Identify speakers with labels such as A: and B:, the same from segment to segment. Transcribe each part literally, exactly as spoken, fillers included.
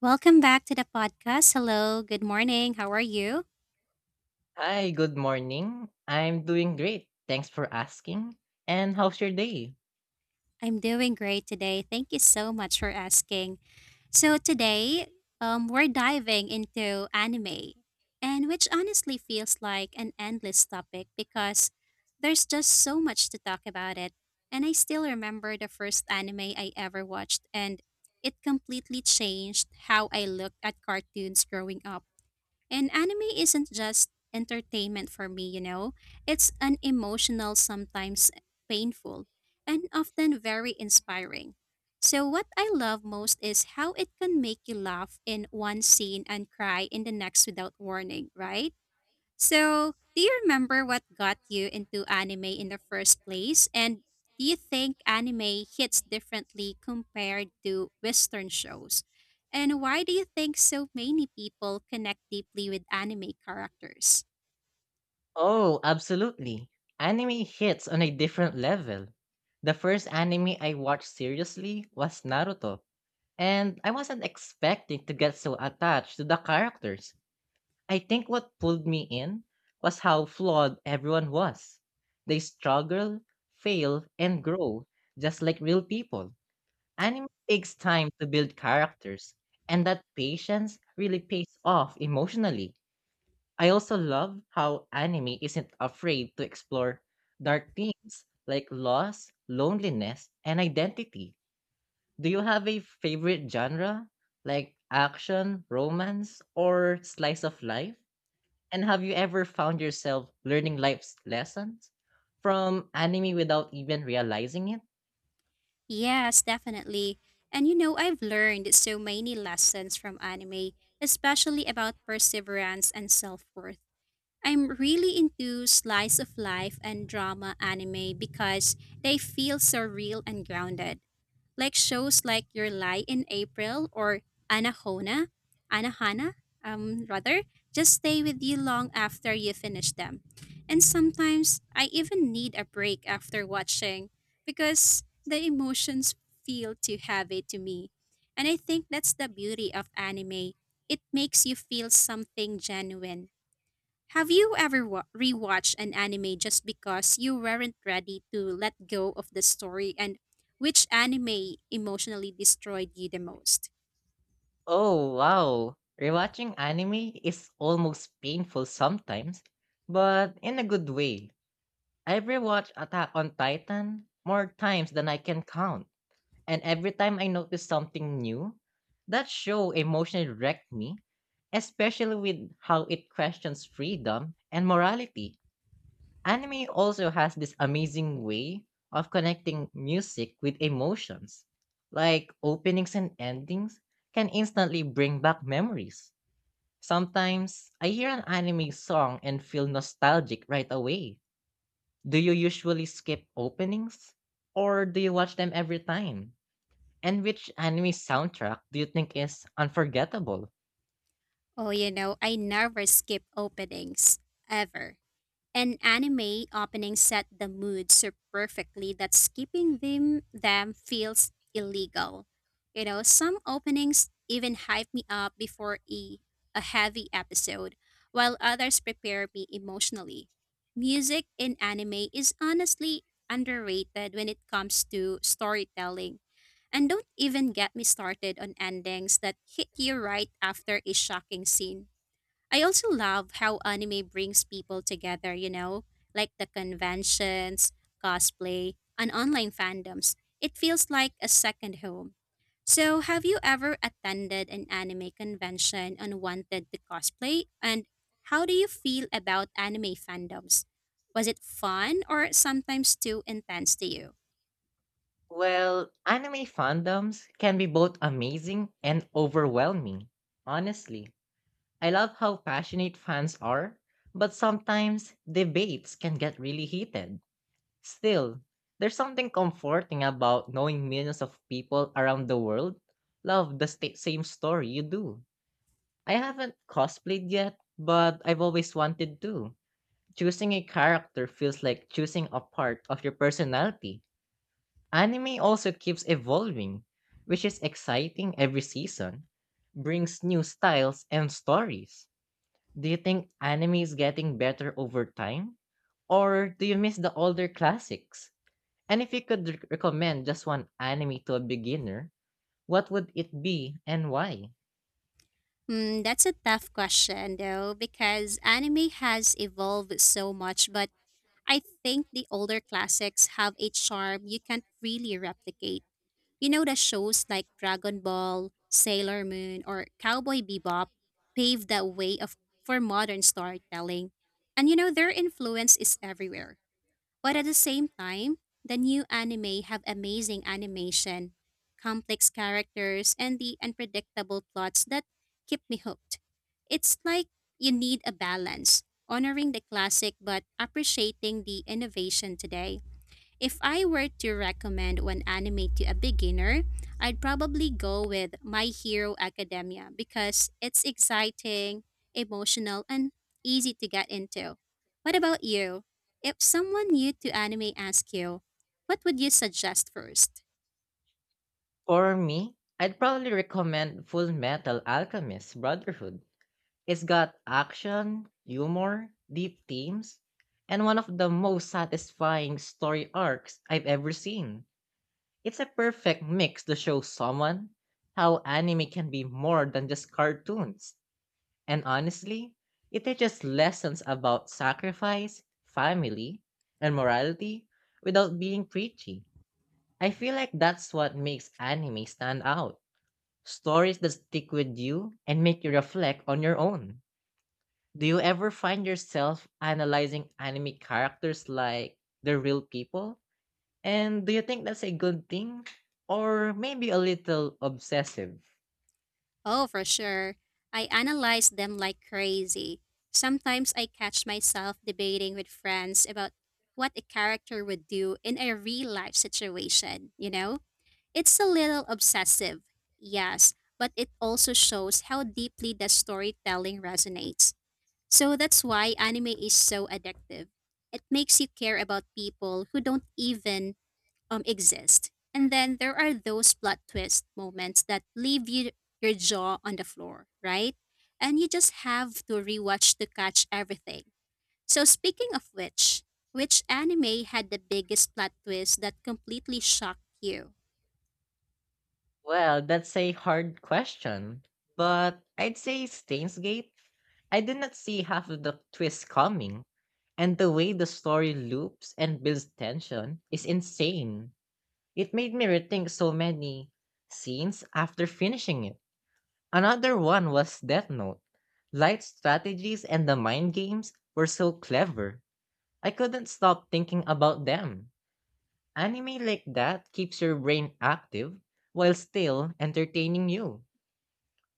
A: Welcome back to the podcast. Hello, good morning. How are you?
B: Hi, good morning. I'm doing great. Thanks for asking. And how's your day?
A: I'm doing great today. Thank you so much for asking. So, today, um, we're diving into anime, and which honestly feels like an endless topic because there's just so much to talk about it. And I still remember the first anime I ever watched, and it completely changed how I looked at cartoons growing up. And anime isn't just entertainment for me, you know. It's an emotional, sometimes painful, and often very inspiring. So, what I love most is how it can make you laugh in one scene and cry in the next without warning, right? So, do you remember what got you into anime in the first place? And do you think anime hits differently compared to Western shows? And why do you think so many people connect deeply with anime characters?
B: Oh, absolutely. Anime hits on a different level. The first anime I watched seriously was Naruto, and I wasn't expecting to get so attached to the characters. I think what pulled me in was how flawed everyone was. They struggle, fail, and grow just like real people. Anime takes time to build characters, and that patience really pays off emotionally. I also love how anime isn't afraid to explore dark themes like loss, loneliness, and identity. Do you have a favorite genre like action, romance, or slice of life? And have you ever found yourself learning life's lessons from anime without even realizing it?
A: Yes, definitely. And you know, I've learned so many lessons from anime, especially about perseverance and self worth. I'm really into slice of life and drama anime because they feel so real and grounded. Like shows like Your Lie in April or Anahona, Anahana, um, rather, just stay with you long after you finish them. And sometimes I even need a break after watching because the emotions feel too heavy to me. And I think that's the beauty of anime. It makes you feel something genuine. Have you ever wa- rewatched an anime just because you weren't ready to let go of the story? And which anime emotionally destroyed you the most?
B: Oh wow, rewatching anime is almost painful sometimes, but in a good way. I've rewatched Attack on Titan more times than I can count, and every time I notice something new, that show emotionally wrecked me, especially with how it questions freedom and morality. Anime also has this amazing way of connecting music with emotions. Like openings and endings can instantly bring back memories. Sometimes I hear an anime song and feel nostalgic right away. Do you usually skip openings? Or do you watch them every time? And which anime soundtrack do you think is unforgettable?
A: Oh, you know, I never skip openings ever. An anime opening set the mood so perfectly that skipping them them feels illegal. You know, some openings even hype me up before a, a heavy episode, while others prepare me emotionally. Music in anime is honestly underrated when it comes to storytelling, and don't even get me started on endings that hit you right after a shocking scene. I also love how anime brings people together, you know, like the conventions, cosplay, and online fandoms. It feels like a second home. So, have you ever attended an anime convention and wanted to cosplay? And how do you feel about anime fandoms? Was it fun or sometimes too intense to you?
B: Well, anime fandoms can be both amazing and overwhelming, honestly. I love how passionate fans are, but sometimes debates can get really heated. Still, there's something comforting about knowing millions of people around the world love the sta- same story you do. I haven't cosplayed yet, but I've always wanted to. Choosing a character feels like choosing a part of your personality. Anime also keeps evolving, which is exciting every season, brings new styles and stories. Do you think anime is getting better over time? Or do you miss the older classics? And if you could rec- recommend just one anime to a beginner, what would it be and why?
A: Hmm, that's a tough question though, because anime has evolved so much, but I think the older classics have a charm you can't really replicate. You know, the shows like Dragon Ball, Sailor Moon, or Cowboy Bebop paved the way of for modern storytelling. And you know, their influence is everywhere. But at the same time, the new anime have amazing animation, complex characters, and the unpredictable plots that keep me hooked. It's like you need a balance, honoring the classic but appreciating the innovation today. If I were to recommend one anime to a beginner, I'd probably go with My Hero Academia because it's exciting, emotional, and easy to get into. What about you? If someone new to anime asked you, what would you suggest first?
B: For me, I'd probably recommend Full Metal Alchemist Brotherhood. It's got action, humor, deep themes, and one of the most satisfying story arcs I've ever seen. It's a perfect mix to show someone how anime can be more than just cartoons. And honestly, it teaches lessons about sacrifice, family, and morality without being preachy. I feel like that's what makes anime stand out. Stories that stick with you and make you reflect on your own. Do you ever find yourself analyzing anime characters like they're real people? And do you think that's a good thing? Or maybe a little obsessive?
A: Oh, for sure. I analyze them like crazy. Sometimes I catch myself debating with friends about what a character would do in a real life situation, you know? It's a little obsessive, yes, but it also shows how deeply the storytelling resonates. So that's why anime is so addictive. It makes you care about people who don't even um, exist. And then there are those plot twist moments that leave you your jaw on the floor, right? And you just have to rewatch to catch everything. So speaking of which, which anime had the biggest plot twist that completely shocked you?
B: Well, that's a hard question. But I'd say Steins Gate. I did not see half of the twists coming, and the way the story loops and builds tension is insane. It made me rethink so many scenes after finishing it. Another one was Death Note. Light strategies and the mind games were so clever. I couldn't stop thinking about them. Anime like that keeps your brain active while still entertaining you.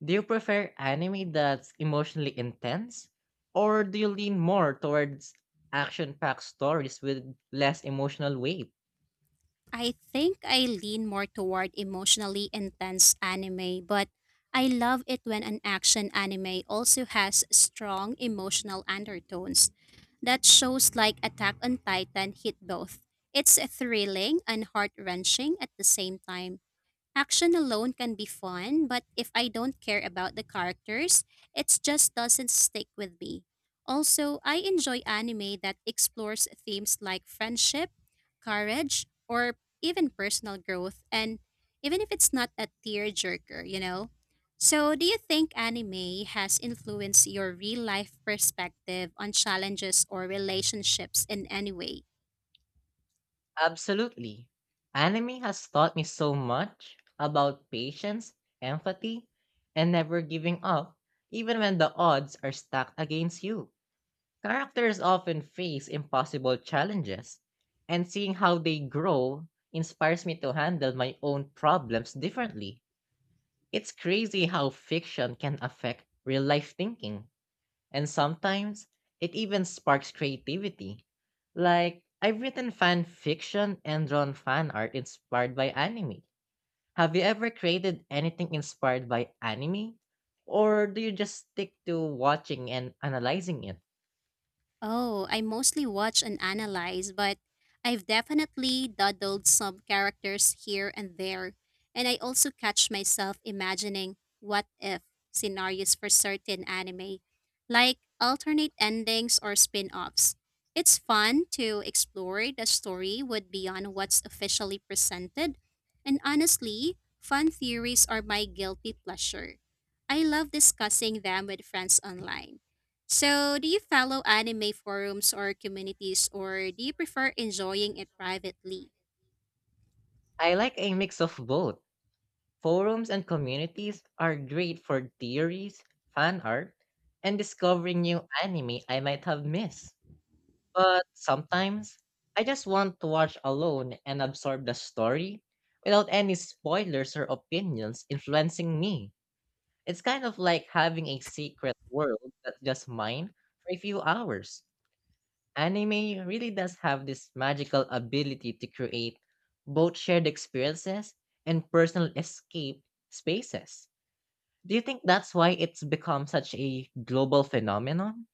B: Do you prefer anime that's emotionally intense, or do you lean more towards action packed stories with less emotional weight?
A: I think I lean more toward emotionally intense anime, but I love it when an action anime also has strong emotional undertones. That shows like Attack on Titan hit both. It's thrilling and heart wrenching at the same time. Action alone can be fun, but if I don't care about the characters, it just doesn't stick with me. Also, I enjoy anime that explores themes like friendship, courage, or even personal growth, and even if it's not a tearjerker, you know? So, do you think anime has influenced your real life perspective on challenges or relationships in any way?
B: Absolutely. Anime has taught me so much about patience, empathy, and never giving up, even when the odds are stacked against you. Characters often face impossible challenges, and seeing how they grow inspires me to handle my own problems differently. It's crazy how fiction can affect real life thinking, and sometimes it even sparks creativity. Like, I've written fan fiction and drawn fan art inspired by anime. Have you ever created anything inspired by anime? Or do you just stick to watching and analyzing it?
A: Oh, I mostly watch and analyze, but I've definitely doodled some characters here and there. And I also catch myself imagining what if scenarios for certain anime, like alternate endings or spin offs. It's fun to explore the story with beyond what's officially presented. And honestly, fun theories are my guilty pleasure. I love discussing them with friends online. So, do you follow anime forums or communities, or do you prefer enjoying it privately?
B: I like a mix of both. Forums and communities are great for theories, fan art, and discovering new anime I might have missed. But sometimes I just want to watch alone and absorb the story without any spoilers or opinions influencing me. It's kind of like having a secret world that's just mine for a few hours. Anime really does have this magical ability to create both shared experiences and personal escape spaces. Do you think that's why it's become such a global phenomenon?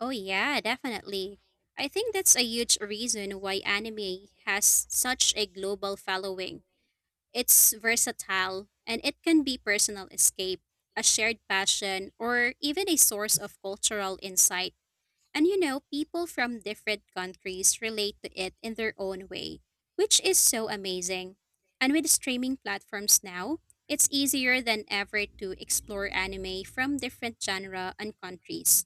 A: Oh, yeah, definitely. I think that's a huge reason why anime has such a global following. It's versatile and it can be personal escape, a shared passion, or even a source of cultural insight. And you know, people from different countries relate to it in their own way, which is so amazing. And with streaming platforms now, it's easier than ever to explore anime from different genre and countries.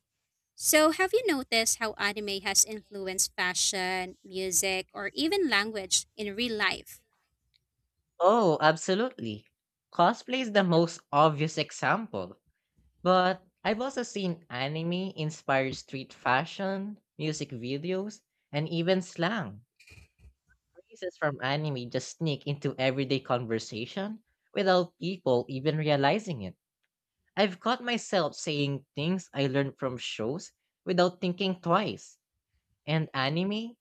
A: So, have you noticed how anime has influenced fashion, music, or even language in real life?
B: Oh, absolutely. Cosplay is the most obvious example, but I've also seen anime inspire street fashion, music videos, and even slang. Phrases from anime just sneak into everyday conversation without people even realizing it. I've caught myself saying things I learned from shows without thinking twice. And anime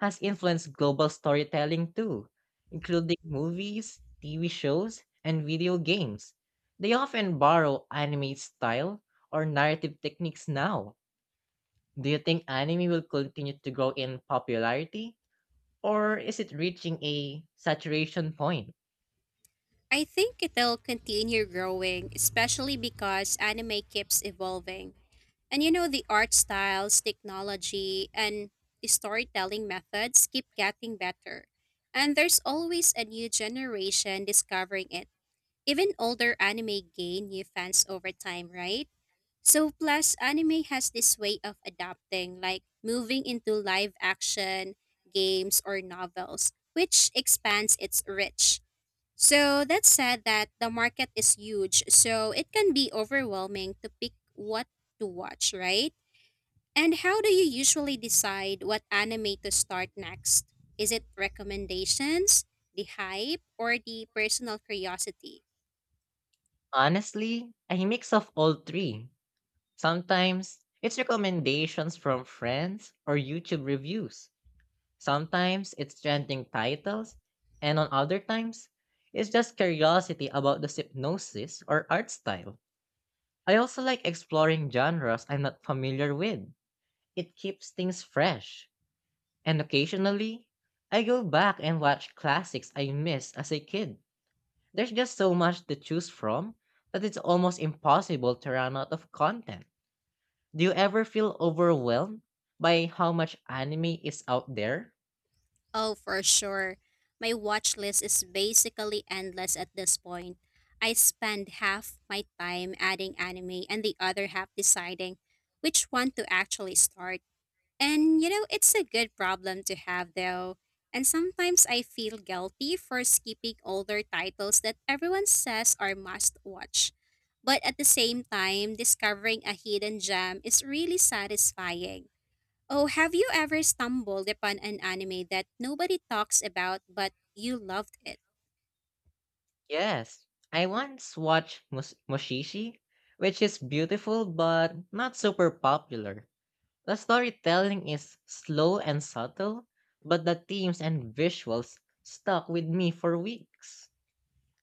B: has influenced global storytelling too, including movies, T V shows, and video games. They often borrow anime style or narrative techniques now. Do you think anime will continue to grow in popularity, or is it reaching a saturation point?
A: I think it'll continue growing, especially because anime keeps evolving. And you know, the art styles, technology, and the storytelling methods keep getting better. And there's always a new generation discovering it. Even older anime gain new fans over time, right? So, plus, anime has this way of adapting, like moving into live action, games, or novels, which expands its reach. So that said that the market is huge, so it can be overwhelming to pick what to watch, right? And how do you usually decide what anime to start next? Is it recommendations, the hype, or the personal curiosity?
B: Honestly, a mix of all three. Sometimes it's recommendations from friends or YouTube reviews. Sometimes it's trending titles, and on other times, it's just curiosity about the hypnosis or art style. I also like exploring genres I'm not familiar with. It keeps things fresh. And occasionally, I go back and watch classics I missed as a kid. There's just so much to choose from that it's almost impossible to run out of content. Do you ever feel overwhelmed by how much anime is out there?
A: Oh, for sure. My watch list is basically endless at this point. I spend half my time adding anime and the other half deciding which one to actually start. And you know, it's a good problem to have though. And sometimes I feel guilty for skipping older titles that everyone says are must watch. But at the same time, discovering a hidden gem is really satisfying. Oh, have you ever stumbled upon an anime that nobody talks about but you loved it?
B: Yes, I once watched Mus- Mushishi, which is beautiful but not super popular. The storytelling is slow and subtle, but the themes and visuals stuck with me for weeks.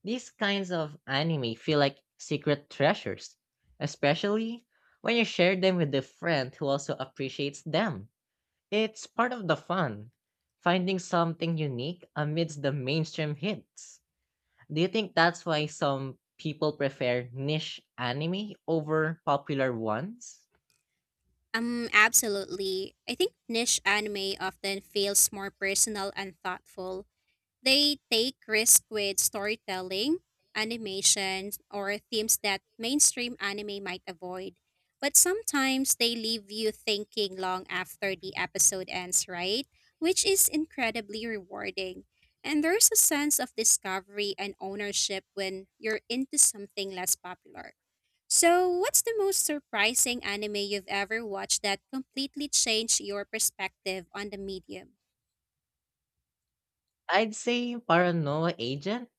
B: These kinds of anime feel like secret treasures, especially when you share them with a friend who also appreciates them. It's part of the fun, finding something unique amidst the mainstream hits. Do you think that's why some people prefer niche anime over popular ones?
A: Um, absolutely. I think niche anime often feels more personal and thoughtful. They take risk with storytelling, animations, or themes that mainstream anime might avoid. But sometimes they leave you thinking long after the episode ends, right? Which is incredibly rewarding. And there's a sense of discovery and ownership when you're into something less popular. So, what's the most surprising anime you've ever watched that completely changed your perspective on the medium?
B: I'd say Paranoia Agent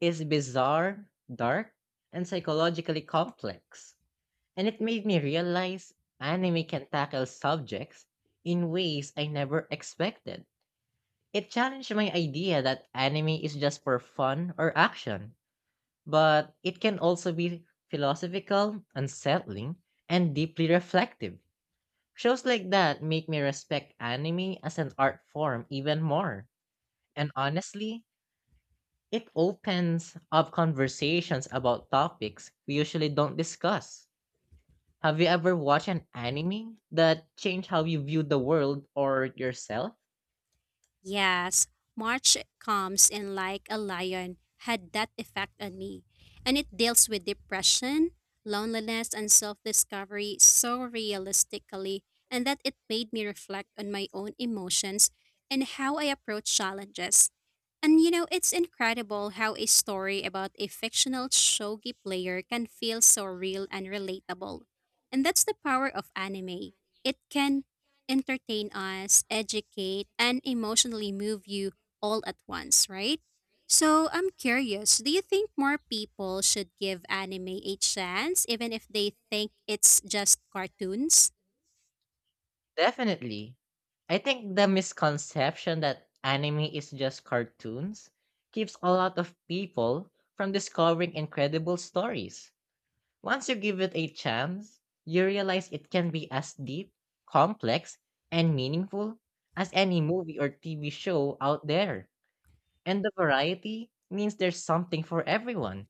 B: is bizarre, dark, and psychologically complex. And it made me realize anime can tackle subjects in ways I never expected. It challenged my idea that anime is just for fun or action, but it can also be philosophical, unsettling, and deeply reflective. Shows like that make me respect anime as an art form even more. And honestly, it opens up conversations about topics we usually don't discuss. Have you ever watched an anime that changed how you view the world or yourself?
A: Yes, March comes in like a lion had that effect on me, and it deals with depression, loneliness, and self discovery so realistically, and that it made me reflect on my own emotions and how I approach challenges. And you know, it's incredible how a story about a fictional shogi player can feel so real and relatable. And that's the power of anime. It can entertain us, educate, and emotionally move you all at once, right? So I'm curious, do you think more people should give anime a chance even if they think it's just cartoons?
B: Definitely. I think the misconception that anime is just cartoons keeps a lot of people from discovering incredible stories. Once you give it a chance, you realize it can be as deep, complex, and meaningful as any movie or T V show out there. And the variety means there's something for everyone,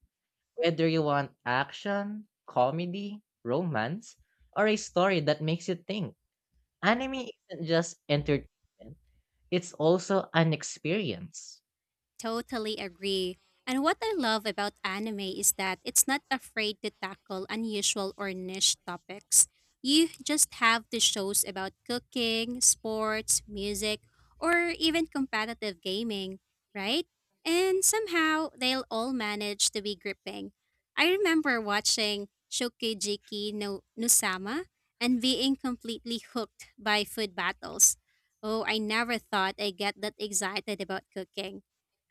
B: whether you want action, comedy, romance, or a story that makes you think. Anime isn't just entertainment, it's also an experience.
A: Totally agree. And what I love about anime is that it's not afraid to tackle unusual or niche topics. You just have the shows about cooking, sports, music, or even competitive gaming, right? And somehow they'll all manage to be gripping. I remember watching Shokugeki no Nusama and being completely hooked by food battles. Oh, I never thought I'd get that excited about cooking.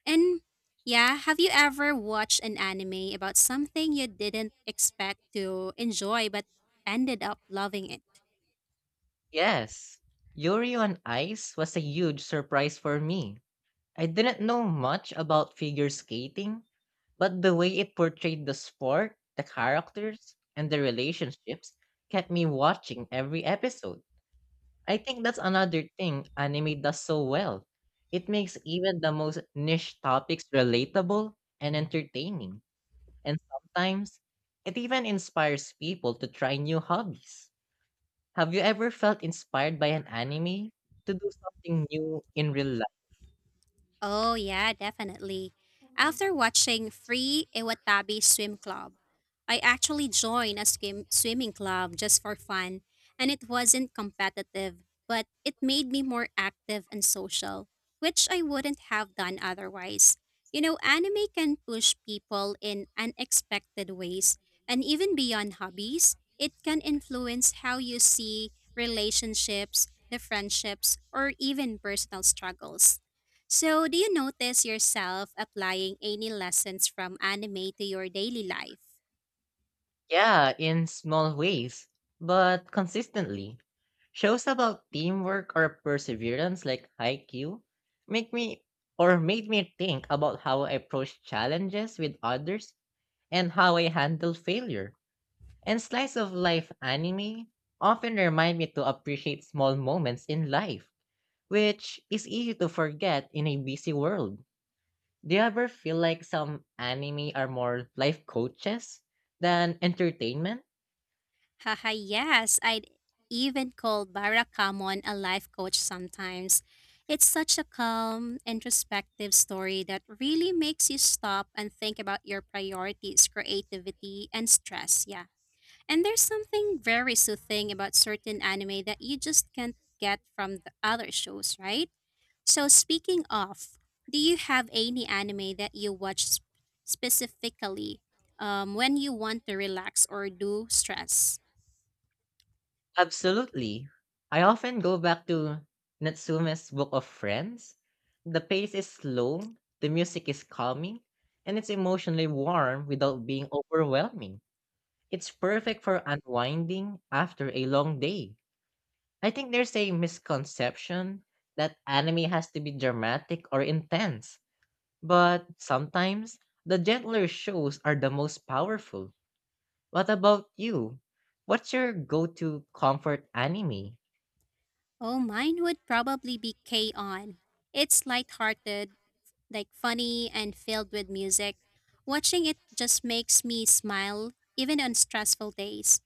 A: And yeah, have you ever watched an anime about something you didn't expect to enjoy but ended up loving it?
B: Yes, Yuri on Ice was a huge surprise for me. I didn't know much about figure skating, but the way it portrayed the sport, the characters, and the relationships kept me watching every episode. I think that's another thing anime does so well. It makes even the most niche topics relatable and entertaining, and sometimes it even inspires people to try new hobbies. Have you ever felt inspired by an anime to do something new in real?
A: Oh, yeah, definitely. After watching Free Iwatabi Swim Club, I actually joined a swim- swimming club just for fun, and it wasn't competitive, but it made me more active and social, which I wouldn't have done otherwise. You know, anime can push people in unexpected ways, and even beyond hobbies, it can influence how you see relationships, the friendships, or even personal struggles. So, do you notice yourself applying any lessons from anime to your daily life?
B: Yeah, in small ways, but consistently. Shows about teamwork or perseverance like Haikyuu make me or made me think about how I approach challenges with others and how I handle failure. And slice of life anime often remind me to appreciate small moments in life, which is easy to forget in a busy world. Do you ever feel like some anime are more life coaches than entertainment?
A: Haha, yes, I'd even call Barakamon a life coach sometimes. It's such a calm, introspective story that really makes you stop and think about your priorities, creativity, and stress. Yeah. And there's something very soothing about certain anime that you just can't get from the other shows, right? So, speaking of, do you have any anime that you watch sp- specifically um, when you want to relax or do stress?
B: Absolutely. I often go back to Natsume's Book of Friends. The pace is slow, the music is calming, and it's emotionally warm without being overwhelming. It's perfect for unwinding after a long day. I think there's a misconception that anime has to be dramatic or intense, but sometimes the gentler shows are the most powerful. What about you? What's your go to comfort anime?
A: Oh, mine would probably be K On. It's lighthearted, like funny, and filled with music. Watching it just makes me smile, even on stressful days.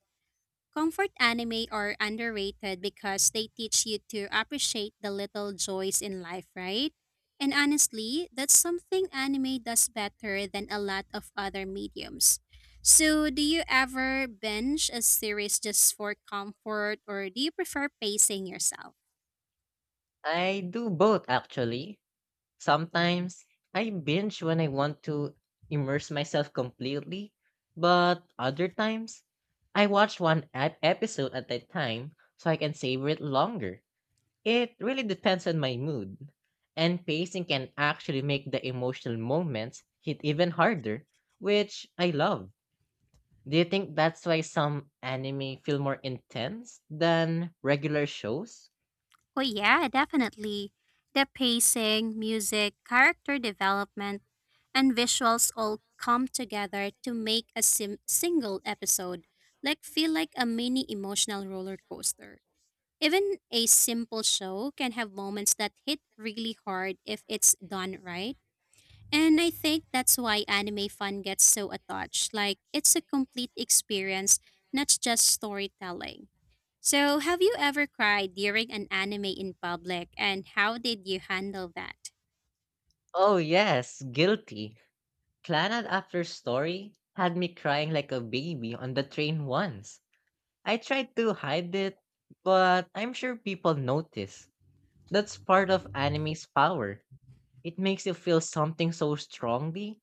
A: Comfort anime are underrated because they teach you to appreciate the little joys in life, right? And honestly, that's something anime does better than a lot of other mediums. So, do you ever binge a series just for comfort or do you prefer pacing yourself?
B: I do both actually. Sometimes I binge when I want to immerse myself completely, but other times I watch one ep- episode at a time so I can savor it longer. It really depends on my mood, and pacing can actually make the emotional moments hit even harder, which I love. Do you think that's why some anime feel more intense than regular shows?
A: Oh, yeah, definitely. The pacing, music, character development, and visuals all come together to make a sim- single episode like feel like a mini emotional roller coaster. Even a simple show can have moments that hit really hard if it's done right. And I think that's why anime fun gets so attached. Like it's a complete experience, not just storytelling. So, have you ever cried during an anime in public and how did you handle that?
B: Oh, yes, guilty. Planet after story had me crying like a baby on the train once. I tried to hide it, but I'm sure people notice. That's part of anime's power. It makes you feel something so strongly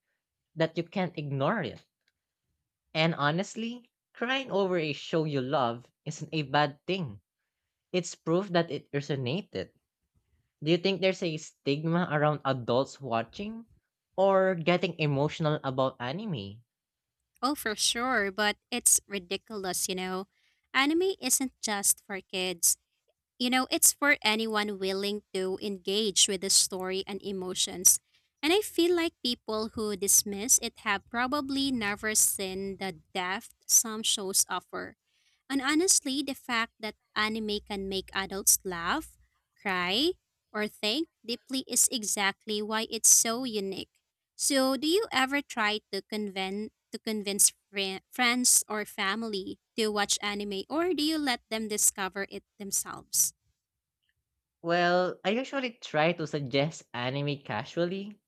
B: that you can't ignore it. And honestly, crying over a show you love isn't a bad thing. It's proof that it resonated. Do you think there's a stigma around adults watching or getting emotional about anime?
A: Oh, for sure, but it's ridiculous, you know. Anime isn't just for kids. You know, it's for anyone willing to engage with the story and emotions. And I feel like people who dismiss it have probably never seen the depth some shows offer. And honestly, the fact that anime can make adults laugh, cry, or think deeply is exactly why it's so unique. So, do you ever try to convince to convince fri- friends or family to watch anime or do you let them discover it themselves?
B: Well, I usually try to suggest anime casually,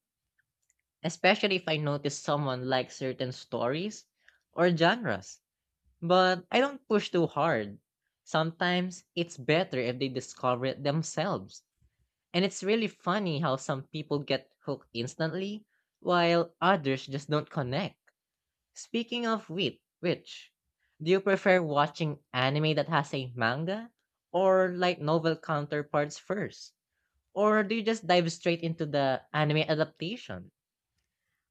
B: especially if I notice someone likes certain stories or genres. But I don't push too hard. Sometimes it's better if they discover it themselves. And it's really funny how some people get hooked instantly, while others just don't connect. Speaking of which, which, do you prefer watching anime that has a manga or light novel counterparts first? Or do you just dive straight into the anime adaptation?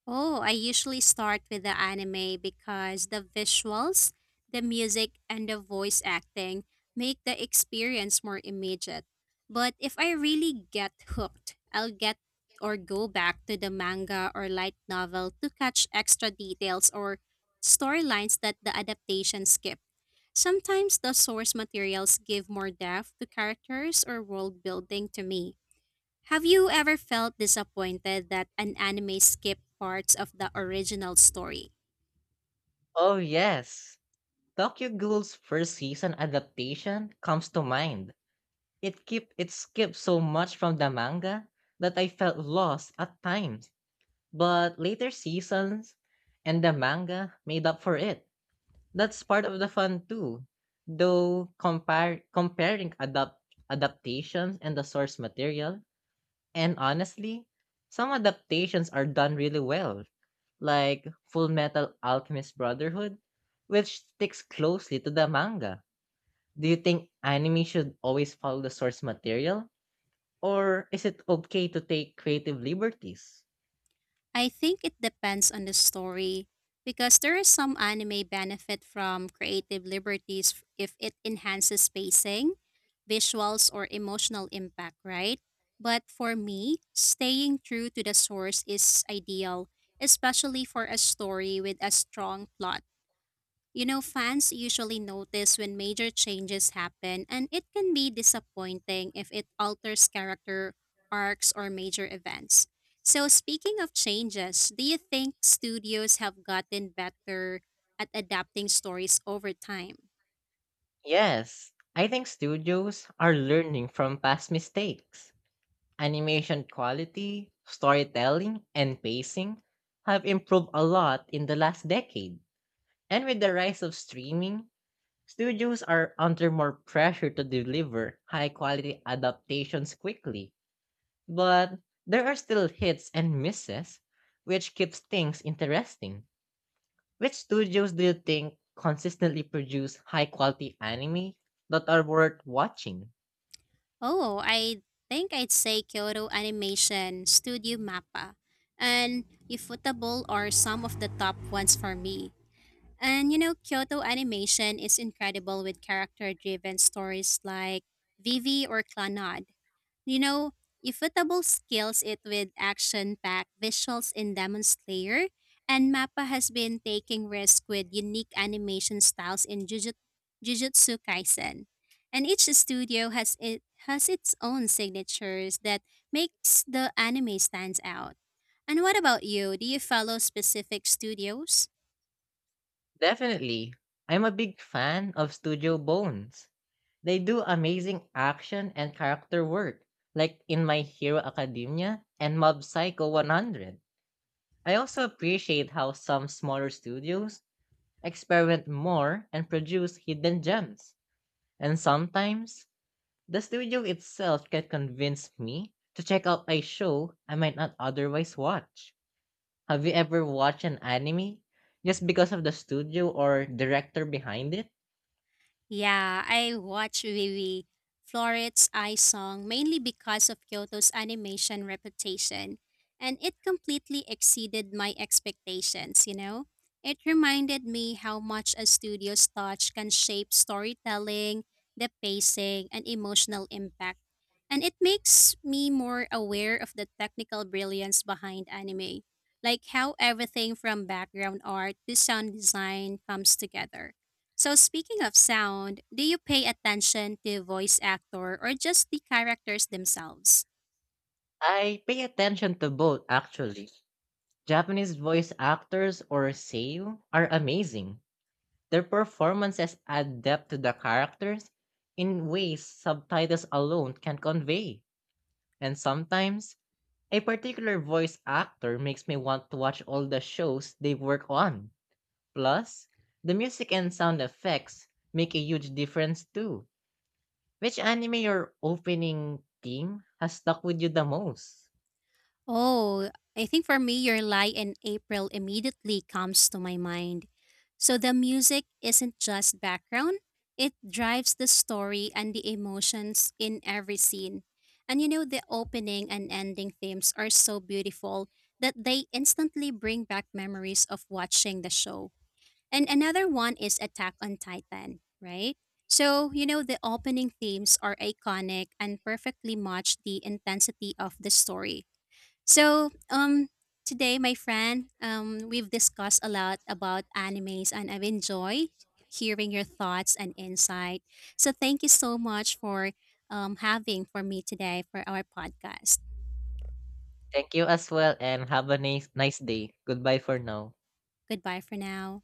A: Oh, I usually start with the anime because the visuals, the music, and the voice acting make the experience more immediate. But if I really get hooked, I'll get or go back to the manga or light novel to catch extra details or storylines that the adaptation skipped. Sometimes the source materials give more depth to characters or world building to me. Have you ever felt disappointed that an anime skipped parts of the original story?
B: Oh, yes. Tokyo Ghoul's first season adaptation comes to mind. It keep it skipped so much from the manga that I felt lost at times. But later seasons and the manga made up for it. That's part of the fun too. Though compare comparing adapt adaptations and the source material. And honestly, some adaptations are done really well, like Full Metal Alchemist Brotherhood, which sticks closely to the manga. Do you think anime should always follow the source material? Or is it okay to take creative liberties?
A: I think it depends on the story because there is some anime benefit from creative liberties f- if it enhances pacing, visuals or emotional impact, right? But for me, staying true to the source is ideal, especially for a story with a strong plot. You know, fans usually notice when major changes happen, and it can be disappointing if it alters character arcs or major events. So, speaking of changes, do you think studios have gotten better at adapting stories over time?
B: Yes, I think studios are learning from past mistakes. Animation quality, storytelling, and pacing have improved a lot in the last decade. And with the rise of streaming, studios are under more pressure to deliver high quality adaptations quickly, but there are still hits and misses, which keeps things interesting. Which studios do you think consistently produce high quality anime that are worth watching?
A: Oh, I think I'd say Kyoto Animation, Studio Mappa, and Ifutable are some of the top ones for me. And you know, Kyoto Animation is incredible with character driven stories like Vivi or Clannad. You know, Ifutable scales it with action packed visuals in Demon Slayer, and Mappa has been taking risks with unique animation styles in Jujut- Jujutsu Kaisen. And each studio has it has its own signatures that makes the anime stands out. And what about you? Do you follow specific studios?
B: Definitely, I'm a big fan of Studio Bones. They do amazing action and character work, like in My Hero Academia and Mob Psycho one hundred. I also appreciate how some smaller studios experiment more and produce hidden gems. And sometimes, the studio itself can convince me to check out a show I might not otherwise watch. Have you ever watched an anime just because of the studio or director behind it?
A: Yeah, I watch Vivi Floret's Eye Song mainly because of Kyoto's animation reputation, and it completely exceeded my expectations, you know? It reminded me how much a studio's touch can shape storytelling, the pacing, and emotional impact. And it makes me more aware of the technical brilliance behind anime, like how everything from background art to sound design comes together. So speaking of sound, do you pay attention to voice actor or just the characters themselves?
B: I pay attention to both actually. Japanese voice actors or seiyuu are amazing. Their performances add depth to the characters in ways subtitles alone can convey. And sometimes, a particular voice actor makes me want to watch all the shows they work on. Plus, the music and sound effects make a huge difference too. Which anime or opening theme has stuck with you the most?
A: Oh, I think for me your lie in April immediately comes to my mind. So the music isn't just background, it drives the story and the emotions in every scene. And you know the opening and ending themes are so beautiful that they instantly bring back memories of watching the show. And another one is Attack on Titan, right? So, you know, the opening themes are iconic and perfectly match the intensity of the story. So, um, today, my friend, um, we've discussed a lot about animes and I've enjoyed hearing your thoughts and insight. So, thank you so much for um, having for me today for our podcast.
B: Thank you as well and have a nice, nice day. Goodbye for now.
A: Goodbye for now.